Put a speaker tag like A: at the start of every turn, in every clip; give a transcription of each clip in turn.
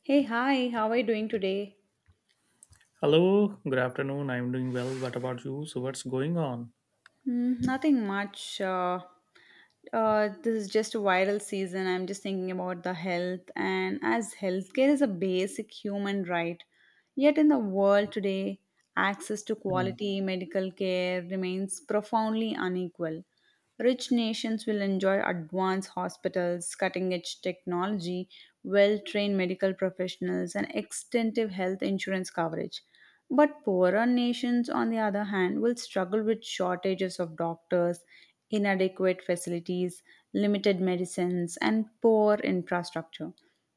A: Hey, hi, how are you doing today?
B: Hello, good afternoon. I'm doing well. What about you? So, what's going on?
A: Mm, nothing much. This is just a viral season. I'm just thinking about the health, and as healthcare is a basic human right, yet in the world today, access to
B: Hmm.
A: quality medical care remains profoundly unequal. Rich nations will enjoy advanced hospitals, cutting edge technology, well trained medical professionals, and extensive health insurance coverage. But poorer nations, on the other hand, will struggle with shortages of doctors, inadequate facilities, limited medicines, and poor infrastructure.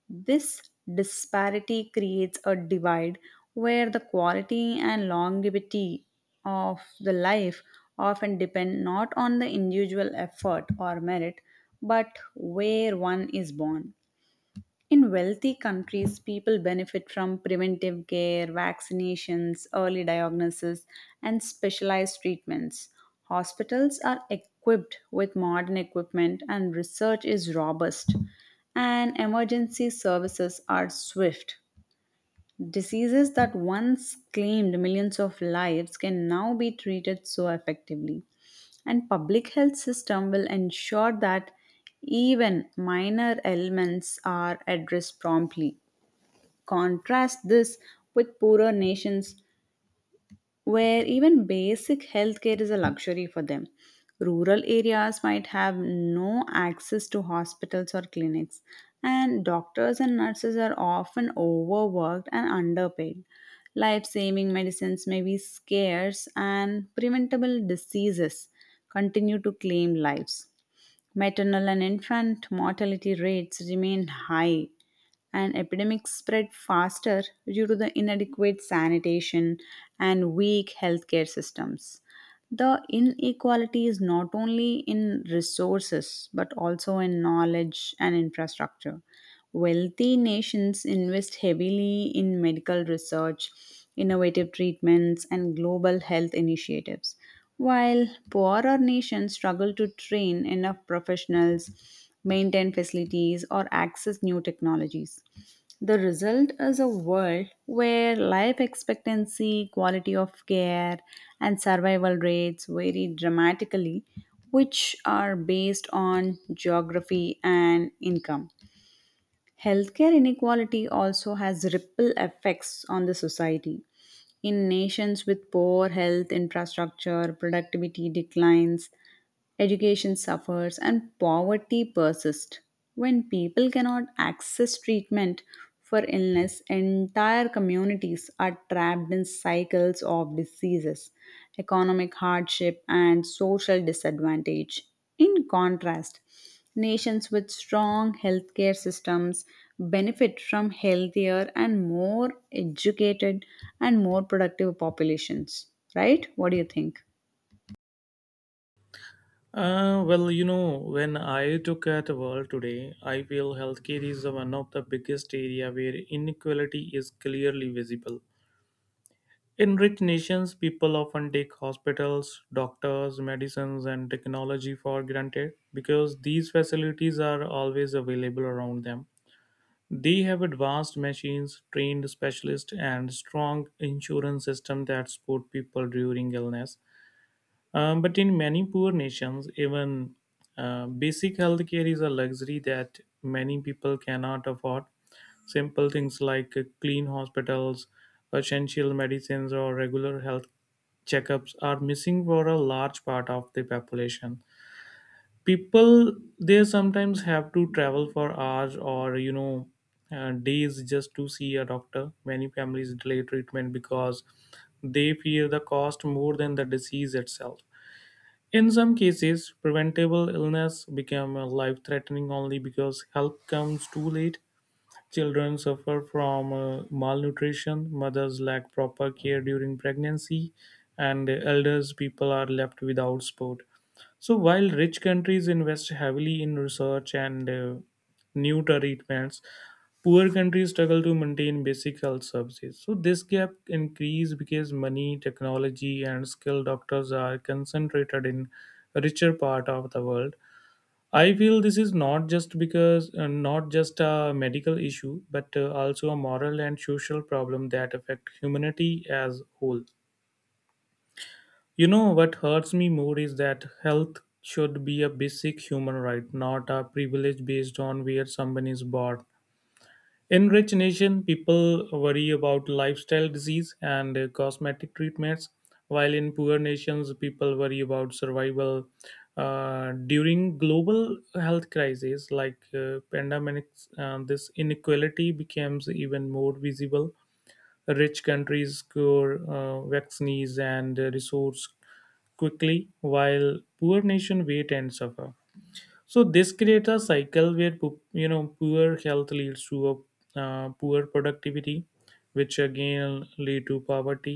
A: This disparity creates a divide where the quality and longevity of the life often depend not on the individual effort or merit, but where one is born. In wealthy countries, people benefit from preventive care, vaccinations, early diagnosis, and specialized treatments. Hospitals are equipped with modern equipment, and research is robust, and emergency services are swift. Diseases that once claimed millions of lives can now be treated so effectively. And public health system will ensure that even minor ailments are addressed promptly. Contrast this with poorer nations where even basic healthcare is a luxury for them. Rural areas might have no access to hospitals or clinics, and doctors and nurses are often overworked and underpaid. Life saving medicines may be scarce, and preventable diseases continue to claim lives. Maternal and infant mortality rates remain high, and epidemics spread faster due to the inadequate sanitation and weak healthcare systems. The inequality is not only in resources but also in knowledge and infrastructure. Wealthy nations invest heavily in medical research, innovative treatments, and global health initiatives, while poorer nations struggle to train enough professionals, maintain facilities, or access new technologies. The result is a world where life expectancy, quality of care, and survival rates vary dramatically, which are based on geography and income. Healthcare inequality also has ripple effects on the society. In nations with poor health infrastructure, productivity declines, education suffers and poverty persists. When people cannot access treatment for illness, entire communities are trapped in cycles of diseases, economic hardship, and social disadvantage. In contrast, nations with strong healthcare systems benefit from healthier and more educated and more productive populations. Right? What do you think?
B: Well, you know, when I took at the world today, I feel healthcare is one of the biggest area where inequality is clearly visible. In rich nations, people often take hospitals, doctors, medicines, and technology for granted because these facilities are always available around them. They have advanced machines, trained specialists, and strong insurance system that support people during illness. But in many poor nations, even basic healthcare is a luxury that many people cannot afford. Simple things like clean hospitals, essential medicines, or regular health checkups are missing for a large part of the population. People they sometimes have to travel for hours or days just to see a doctor. Many families delay treatment because they fear the cost more than the disease itself. In some cases preventable illness become life threatening only because help comes too late. Children suffer from malnutrition, mothers lack proper care during pregnancy, and elders people are left without support. So while rich countries invest heavily in research and new treatments, poor countries struggle to maintain basic health services. So this gap increase because money, technology, and skilled doctors are concentrated in richer part of the world. I feel this is not just a medical issue, but also a moral and social problem that affect humanity as whole. You know what hurts me more is that health should be a basic human right, not a privilege based on where someone is born. In rich nation, people worry about lifestyle disease and cosmetic treatments, while in poor nations, people worry about survival. During global health crises like pandemics, this inequality becomes even more visible. Rich countries cure vaccines and resource quickly, while poor nation wait and suffer. So this creates a cycle where poor health leads to a poor productivity, which again lead to poverty.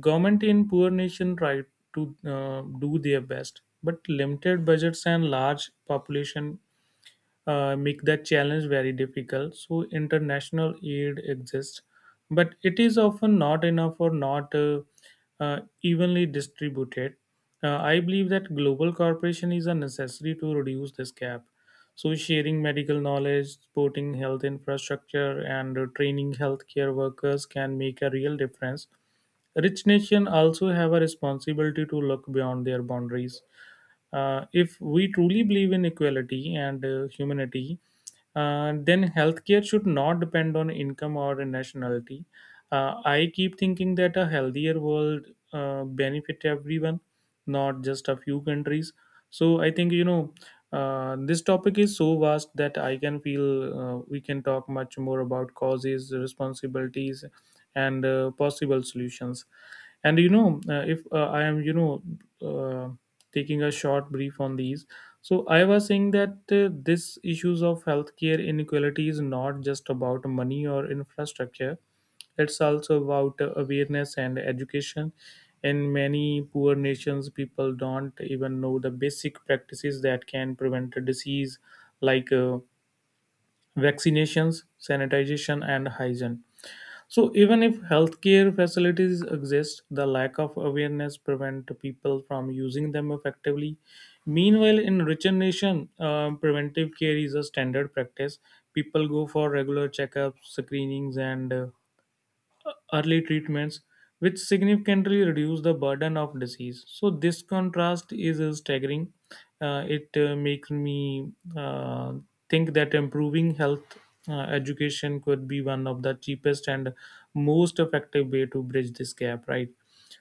B: Government in poor nation try to do their best, but limited budgets and large population make that challenge very difficult. So international aid exists, but it is often not enough or not evenly distributed. I believe that global cooperation is a necessary to reduce this gap. So sharing medical knowledge, supporting health infrastructure, and training healthcare workers can make a real difference. Rich nations also have a responsibility to look beyond their boundaries. If we truly believe in equality and humanity, then healthcare should not depend on income or nationality. I keep thinking that a healthier world benefit everyone, not just a few countries. So I think this topic is so vast that I can feel we can talk much more about causes, responsibilities, and possible solutions. And you know if I am you know uh, Taking a short brief on these, so I was saying that this issues of healthcare inequality is not just about money or infrastructure. It's also about awareness and education. In many poor nations people don't even know the basic practices that can prevent a disease, like vaccinations, sanitization, and hygiene. So, even if healthcare facilities exist, the lack of awareness prevent people from using them effectively. Meanwhile, in richer nation, preventive care is a standard practice. People go for regular checkups, screenings, and early treatments, which significantly reduce the burden of disease. So this contrast is staggering. It makes me think that improving health education could be one of the cheapest and most effective way to bridge this gap, right?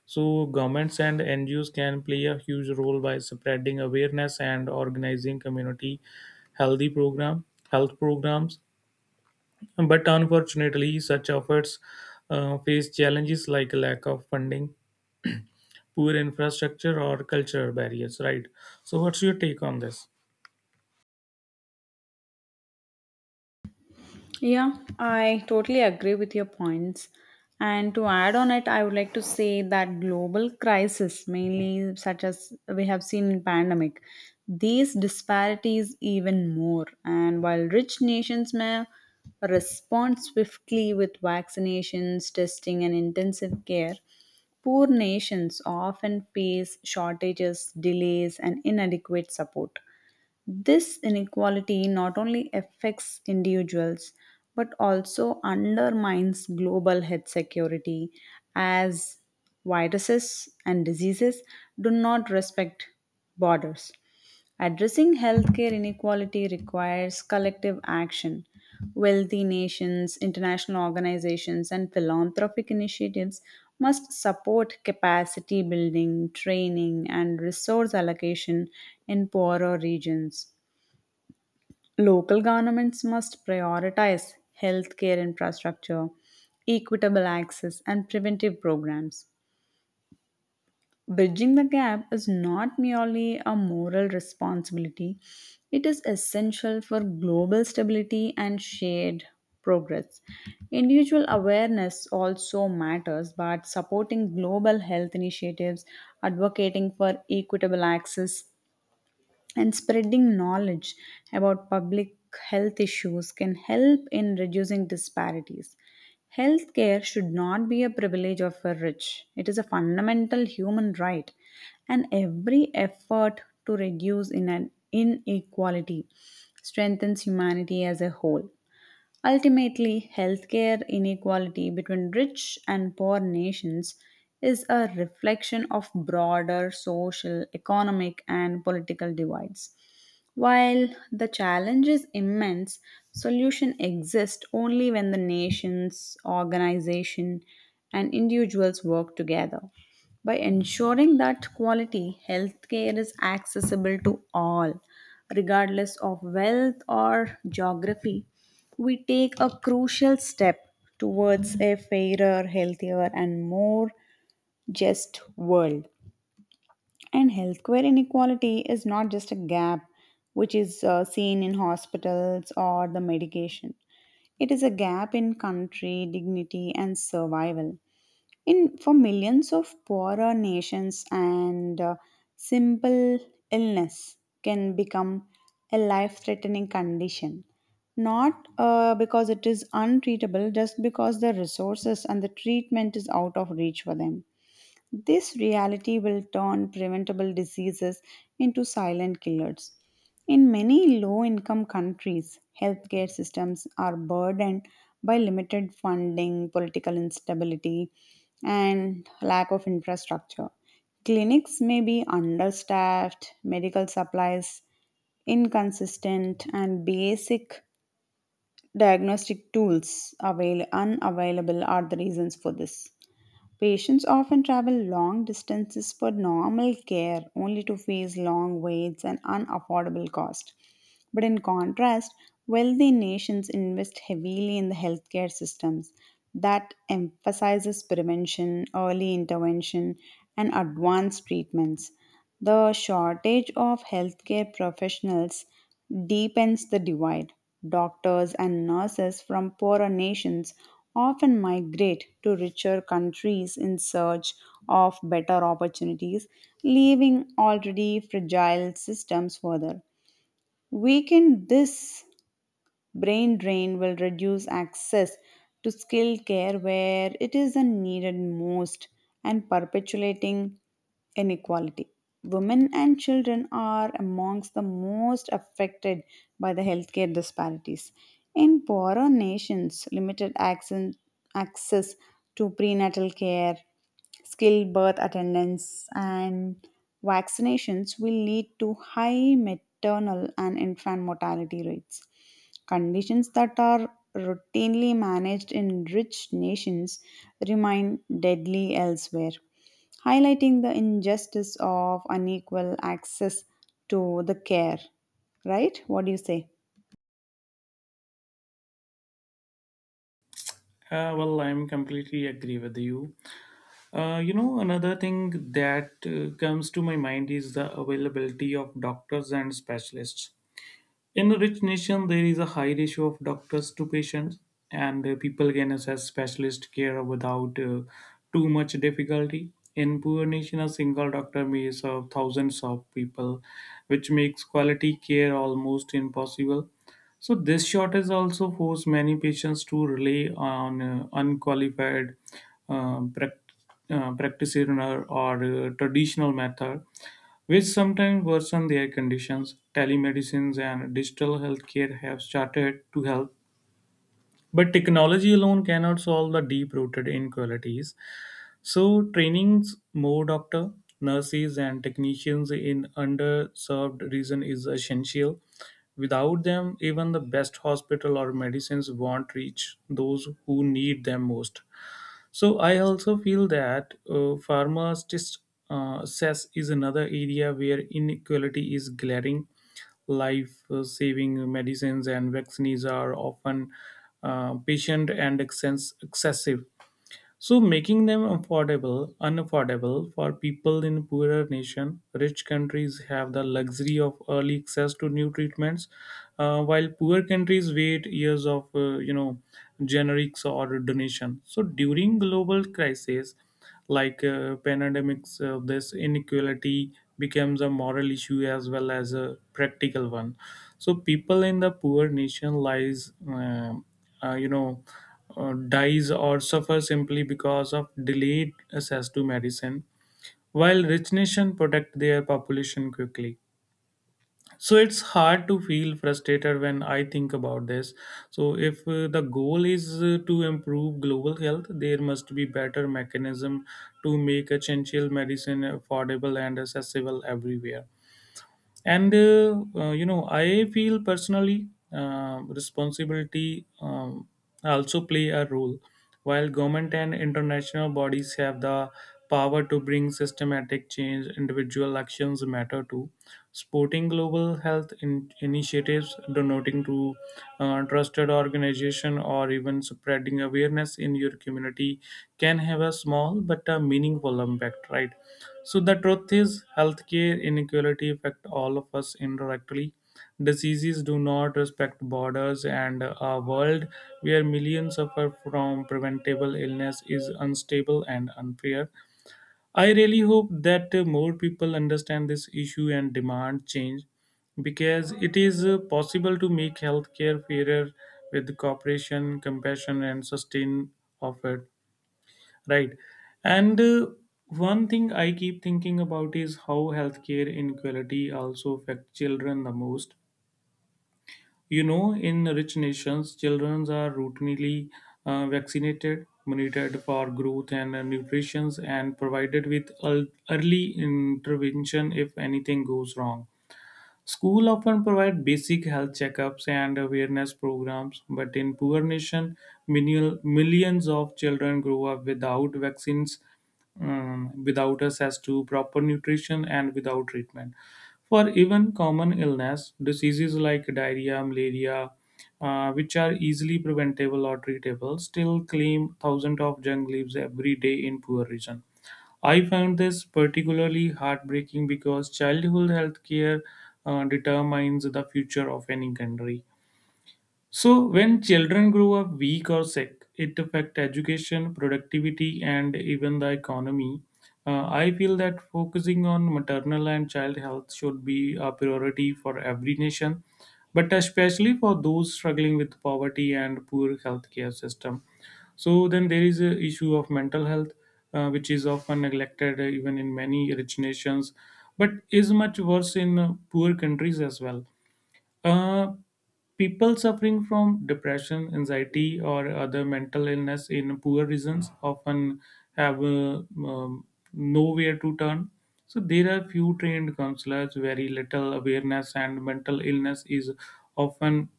B: So governments and NGOs can play a huge role by spreading awareness and organizing community healthy program health programs, but unfortunately, such efforts face challenges like lack of funding, poor infrastructure, or cultural barriers, right? So, what's your take on this?
A: Yeah, I totally agree with your points. And to add on it, I would like to say that global crisis, mainly such as we have seen in pandemic, these disparities even more. And while rich nations may respond swiftly with vaccinations, testing, and intensive care, poor nations often face shortages, delays, and inadequate support. This inequality not only affects individuals but also undermines global health security as viruses and diseases do not respect borders. Addressing healthcare inequality requires collective action. Wealthy nations, international organizations, and philanthropic initiatives must support capacity building, training, and resource allocation in poorer regions. Local governments must prioritize healthcare infrastructure, equitable access, and preventive programs. Bridging the gap is not merely a moral responsibility, it is essential for global stability and shared progress. Individual awareness also matters, but supporting global health initiatives, advocating for equitable access, and spreading knowledge about public health issues can help in reducing disparities. Healthcare should not be a privilege of the rich, it is a fundamental human right, and every effort to reduce in an inequality strengthens humanity as a whole. Ultimately, healthcare inequality between rich and poor nations is a reflection of broader social, economic, and political divides. While the challenge is immense, solution exists only when the nations, organization, and individuals work together. By ensuring that quality healthcare is accessible to all, regardless of wealth or geography, we take a crucial step towards a fairer, healthier, and more just world. And healthcare inequality is not just a gap which is seen in hospitals or the medication, it is a gap in country, dignity, and survival in for millions of poorer nations and simple illness can become a life threatening condition not because it is untreatable, just because the resources and the treatment is out of reach for them. This reality will turn preventable diseases into silent killers. In many low income countries, healthcare systems are burdened by limited funding, political instability, and lack of infrastructure. Clinics may be understaffed, medical supplies inconsistent, and basic diagnostic tools unavailable are the reasons for this. Patients often travel long distances for normal care only to face long waits and unaffordable cost. But in contrast, wealthy nations invest heavily in the healthcare systems that emphasizes prevention, early intervention, and advanced treatments. The shortage of healthcare professionals deepens the divide. Doctors and nurses from poorer nations often migrate to richer countries in search of better opportunities, leaving already fragile systems further weakened. This brain drain will reduce access to skilled care where it is needed most and perpetuating inequality. Women and children are amongst the most affected by the healthcare disparities. In poorer nations, access to prenatal care, skilled birth attendance, and vaccinations will lead to high maternal and infant mortality rates. Conditions that are routinely managed in rich nations remain deadly elsewhere, highlighting the injustice of unequal access to the care. Right? What do you say?
B: Well, I'm completely agree with you. You know, another thing that comes to my mind is the availability of doctors and specialists. In rich nation, there is a high ratio of doctors to patients, and people can access specialist care without too much difficulty. In poor nation, a single doctor may serve thousands of people, which makes quality care almost impossible. So this shortage also forced many patients to rely on unqualified uh, prac- practitioner or traditional method, which sometimes worsen their conditions. Telemedicines and digital healthcare have started to help, but technology alone cannot solve the deep-rooted inequalities. So, trainings more doctor, nurses, and technicians in underserved region is essential. Without them, even the best hospital or medicines won't reach those who need them most. So, I also feel that pharmacist access is another area where inequality is glaring. Life-saving medicines and vaccines are often patient and excessive, so making them affordable, unaffordable for people in poorer nation. Rich countries have the luxury of early access to new treatments, while poor countries wait years of generics or donation. So during global crisis, like pandemics, this inequality becomes a moral issue as well as a practical one. So people in the poor nation lies uh, you know dies or suffer simply because of delayed access to medicine, while rich nation protect their population quickly. So it's hard to feel frustrated when I think about this. So if the goal is to improve global health, there must be better mechanism to make essential medicine affordable and accessible everywhere. And you know I feel personally responsibility also play a role. While government and international bodies have the power to bring systematic change, individual actions matter too. Supporting global health initiatives, donating to trusted organization, or even spreading awareness in your community can have a small but a meaningful impact, right? So the truth is, healthcare inequality affect all of us indirectly. Diseases do not respect borders, and a world where millions suffer from preventable illness is unstable and unfair. I really hope that more people understand this issue and demand change because it is possible to make healthcare fairer with cooperation, compassion, and sustain of it. Right. And One thing I keep thinking about is how healthcare inequality also affects children the most. You know, in rich nations, children are routinely vaccinated, monitored for growth and nutrition, and provided with early intervention if anything goes wrong. School often provide basic health checkups and awareness programs, but in poor nation, millions of children grow up without vaccines, um, without access to proper nutrition, and without treatment. For even common illness, diseases like diarrhea, malaria, which are easily preventable or treatable, still claim thousands of young lives every day in poor region. I found this particularly heartbreaking because childhood health care determines the future of any country. So, when children grow up weak or sick, it affects education, productivity, and even the economy. I feel that focusing on maternal and child health should be a priority for every nation, but especially for those struggling with poverty and poor healthcare system. So then there is a issue of mental health, which is often neglected even in many rich nations, but is much worse in poor countries as well. Uh, People suffering from depression, anxiety, or other mental illness in poor regions often have um, nowhere to turn. So there are few trained counselors, very little awareness, and mental illness is often,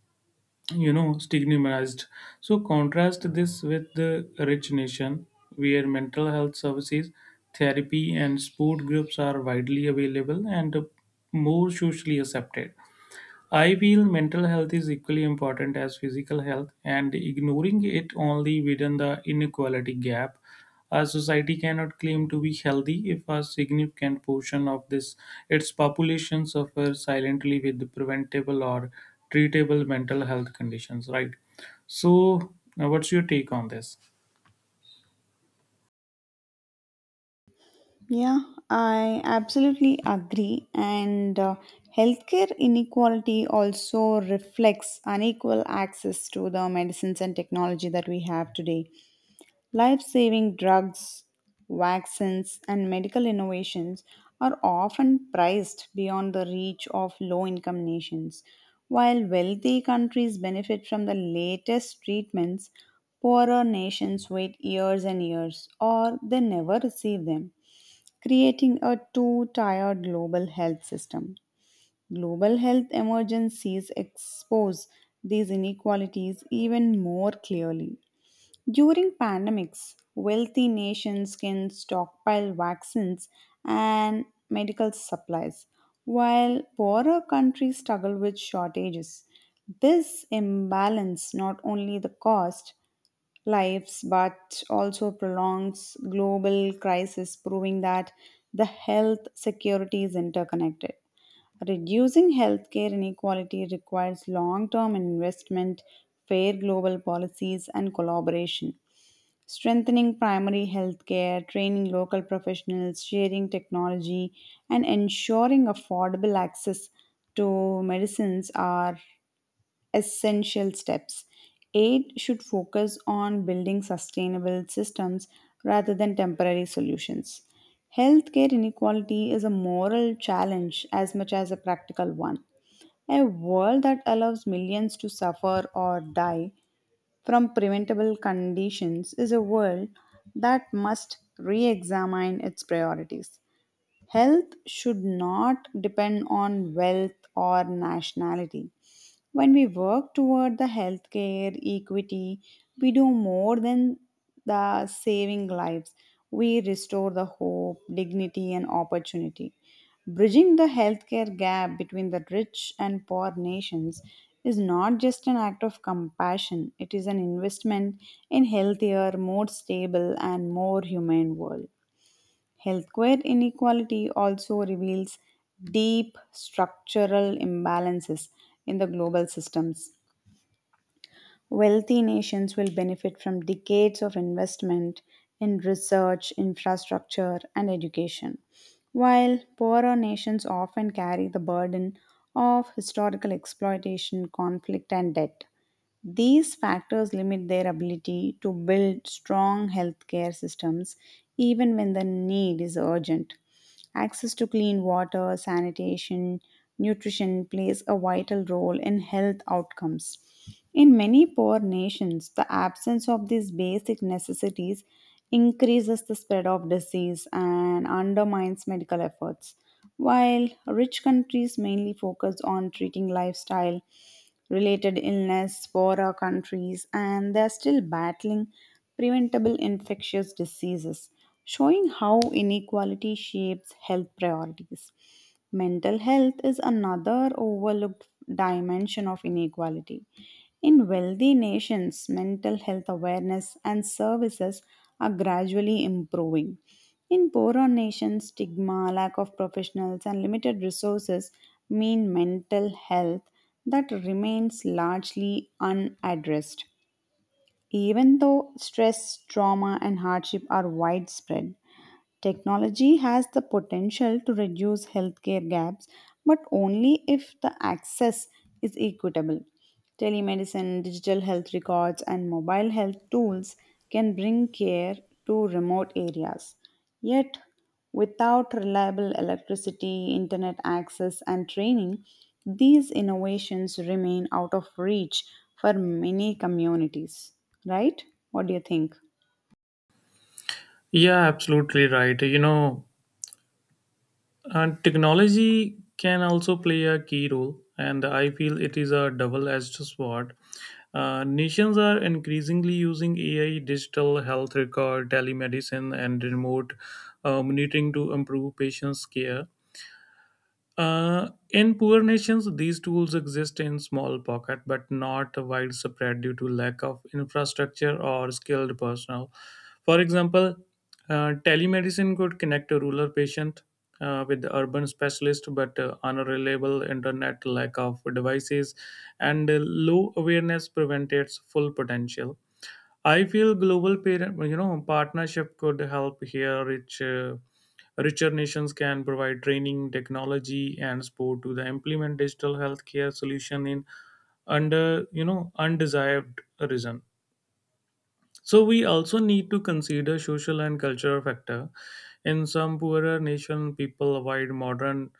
B: you know, stigmatized. So contrast this with the rich nation, where mental health services, therapy, and support groups are widely available and more socially accepted. I feel mental health is equally important as physical health, and ignoring it only within the inequality gap. A society cannot claim to be healthy if a significant portion of this its population suffers silently with preventable or treatable mental health conditions. Right. So, what's your take on this?
A: Yeah, I absolutely agree. And Healthcare inequality also reflects unequal access to the medicines and technology that we have today. Life saving drugs, vaccines, and medical innovations are often priced beyond the reach of low income nations. While wealthy countries benefit from the latest treatments, poorer nations wait years and years or they never receive them, creating a two tier global health system. Global health emergencies expose these inequalities even more clearly. During pandemics, wealthy nations can stockpile vaccines and medical supplies, while poorer countries struggle with shortages. This imbalance not only the cost lives but also prolongs global crisis, proving that the health security is interconnected. Reducing healthcare inequality requires long term investment, fair global policies, and collaboration. Strengthening primary healthcare, training local professionals, sharing technology, and ensuring affordable access to medicines are essential steps. Aid should focus on building sustainable systems rather than temporary solutions. Healthcare inequality is a moral challenge as much as a practical one. A world that allows millions to suffer or die from preventable conditions is a world that must re examine its priorities. Health should not depend on wealth or nationality. When we work toward the healthcare equity, we do more than the saving lives. We restore the hope, dignity, and opportunity. Bridging the healthcare gap between the rich and poor nations is not just an act of compassion, it is an investment in healthier, more stable, and more humane world. Healthcare inequality also reveals deep structural imbalances in the global systems. Wealthy nations will benefit from decades of investment in research, infrastructure, and education, while poorer nations often carry the burden of historical exploitation, conflict, and debt. These factors limit their ability to build strong healthcare systems even when the need is urgent. Access to clean water, sanitation, nutrition plays a vital role in health outcomes. In many poor nations, the absence of these basic necessities increases the spread of disease and undermines medical efforts. While rich countries mainly focus on treating lifestyle related illness, for our countries, and they are still battling preventable infectious diseases, showing how inequality shapes health priorities. Mental health is another overlooked dimension of inequality. In wealthy nations, mental health awareness and services are gradually improving. In poorer nations, stigma, lack of professionals, and limited resources mean mental health that remains largely unaddressed, even though stress, trauma, and hardship are widespread. Technology has the potential to reduce healthcare gaps, but only if the access is equitable. Telemedicine, digital health records, and mobile health tools can bring care to remote areas. Yet, without reliable electricity, internet access, and training, these innovations remain out of reach for many communities. Right? What do you think?
B: Yeah, absolutely right. You know, and technology can also play a key role, and I feel it is a double-edged sword. Nations are increasingly using AI, digital health record, telemedicine, and remote monitoring to improve patients' care. In poor nations, these tools exist in small pockets but not widespread due to lack of infrastructure or skilled personnel. For example, telemedicine could connect a rural patient with the urban specialist, but unreliable internet, lack of devices, and low awareness prevent its full potential. I feel global parent, you know, partnership could help here reach. Richer nations can provide training, technology, and support to the implement digital healthcare solution in under you know undesired region. So we also need to consider social and cultural factor. In some poorer nation, people avoid modern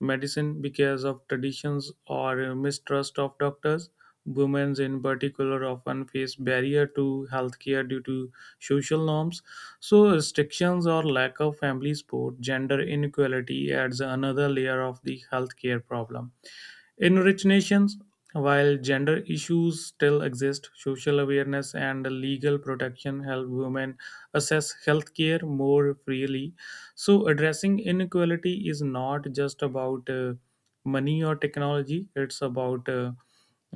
B: medicine because of traditions or mistrust of doctors. Women in particular often face barrier to healthcare due to social norms. So restrictions or lack of family support, gender inequality adds another layer of the healthcare problem. In rich nations, while gender issues still exist, social awareness and legal protection help women access healthcare more freely. So, addressing inequality is not just about money or technology, it's about uh,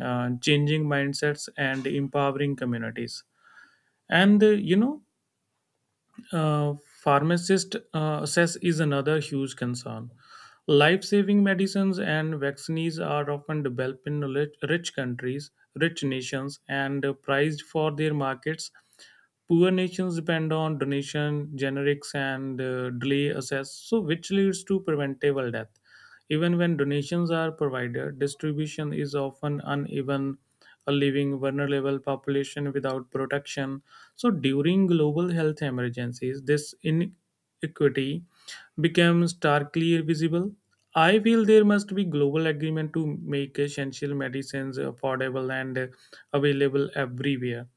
B: uh, changing mindsets and empowering communities. And uh, you know, uh, Pharmacist access is another huge concern. Life saving medicines and vaccines are often developed in rich countries, rich nations, and prized for their markets. Poor nations depend on donation, generics, and delay access, so which leads to preventable death. Even when donations are provided, distribution is often uneven, leaving vulnerable population without protection, so during global health emergencies, this inequity becomes starkly visible. I feel there must be global agreement to make essential medicines affordable and available everywhere.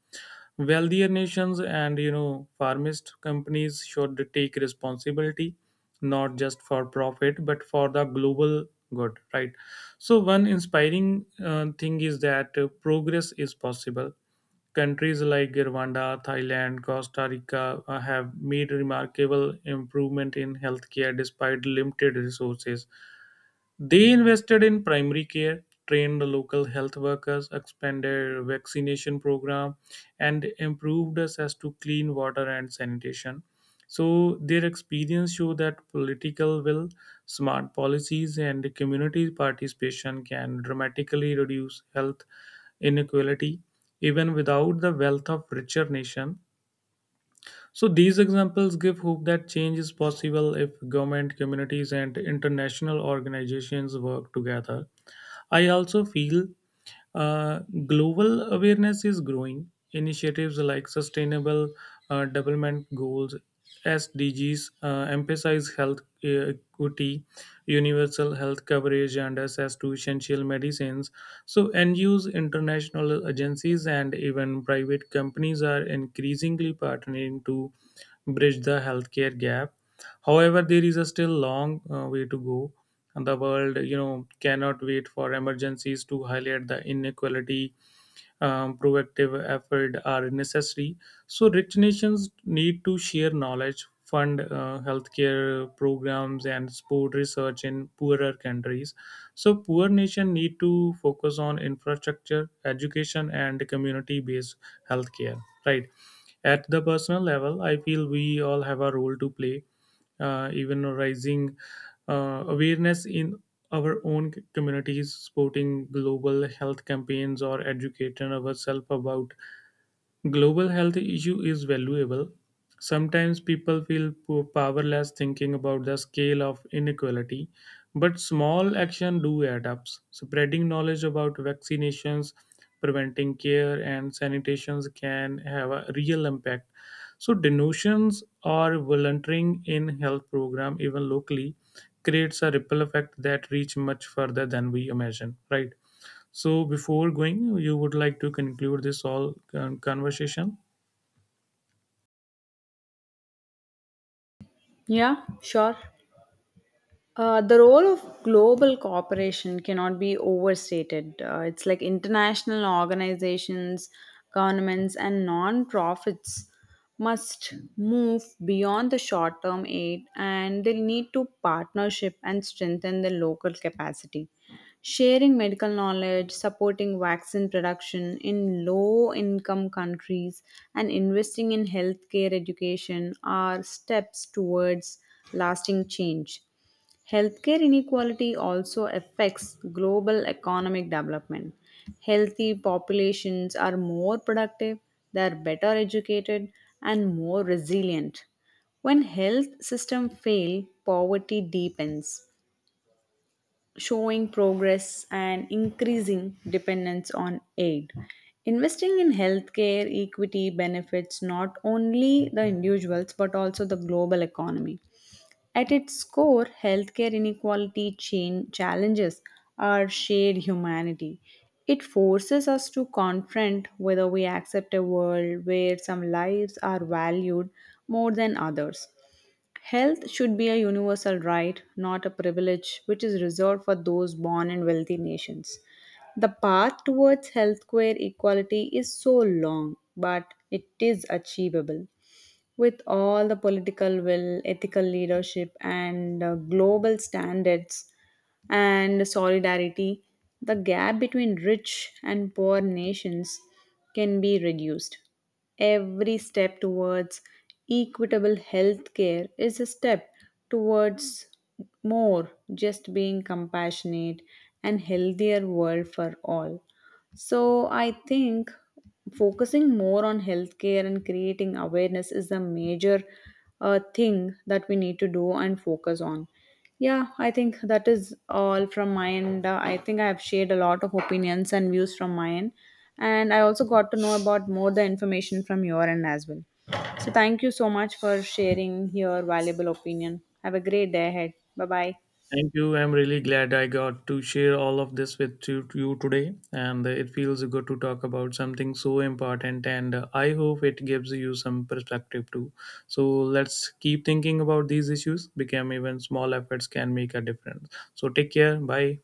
B: Wealthier nations and, you know, pharmacist companies should take responsibility not just for profit but for the global good, right? So one inspiring thing is that progress is possible. Countries like Rwanda, Thailand, Costa Rica have made remarkable improvement in healthcare despite limited resources. They invested in primary care, trained local health workers, expanded vaccination program, and improved access to clean water and sanitation. So their experience show that political will, smart policies, and community participation can dramatically reduce health inequality even without the wealth of richer nation. So these examples give hope that change is possible if government, communities, and international organizations work together. I also feel uh, global awareness is growing. Initiatives like Sustainable Development Goals (SDGs) emphasize health equity, universal health coverage, and access to essential medicines. So, NGOs, international agencies, and even private companies are increasingly partnering to bridge the healthcare gap. However, there is a still long way to go. The world, you know, cannot wait for emergencies to highlight the inequality. Proactive effort are necessary. So rich nations need to share knowledge, fund healthcare programs, and support research in poorer countries. So poor nation need to focus on infrastructure, education, and community based healthcare, right? At the personal level, I feel we all have a role to play. Even rising awareness in our own communities, supporting global health campaigns, or educating ourselves about global health issue is valuable. Sometimes people feel powerless thinking about the scale of inequality, but small action do add up. Spreading knowledge about vaccinations, preventing care, and sanitations can have a real impact. So donations or volunteering in health program, even locally, creates a ripple effect that reach much further than we imagine. Right? So before going, you would like to conclude this all conversation.
A: Yeah, sure. The role of global cooperation cannot be overstated. It's like international organizations, governments, and non-profits must move beyond the short-term aid, and they need to partnership and strengthen the local capacity. Sharing medical knowledge, supporting vaccine production in low-income countries, and investing in healthcare education are steps towards lasting change. Healthcare inequality also affects global economic development. Healthy populations are more productive, they are better educated, and more resilient. When health systems fail, poverty deepens, showing progress and increasing dependence on aid. Investing in healthcare equity benefits not only the individuals but also the global economy. At its core, healthcare inequality chain challenges our shared humanity. It forces us to confront whether we accept a world where some lives are valued more than others. Health should be a universal right, not a privilege which is reserved for those born in wealthy nations. The path towards healthcare equality is so long, but it is achievable. With all the political will, ethical leadership, and global standards and solidarity, the gap between rich and poor nations can be reduced. Every step towards equitable health care is a step towards more just being compassionate and healthier world for all. So I think focusing more on healthcare and creating awareness is the major thing that we need to do and focus on. Yeah, I think that is all from my end. I think I have shared a lot of opinions and views from my end. And I also got to know about more the information from your end as well. So thank you so much for sharing your valuable opinion. Have a great day ahead. Bye bye.
B: Thank you. I'm really glad I got to share all of this with you, to you today, and it feels good to talk about something so important. And I hope it gives you some perspective too. So let's keep thinking about these issues. Become even small efforts can make a difference. So take care. Bye.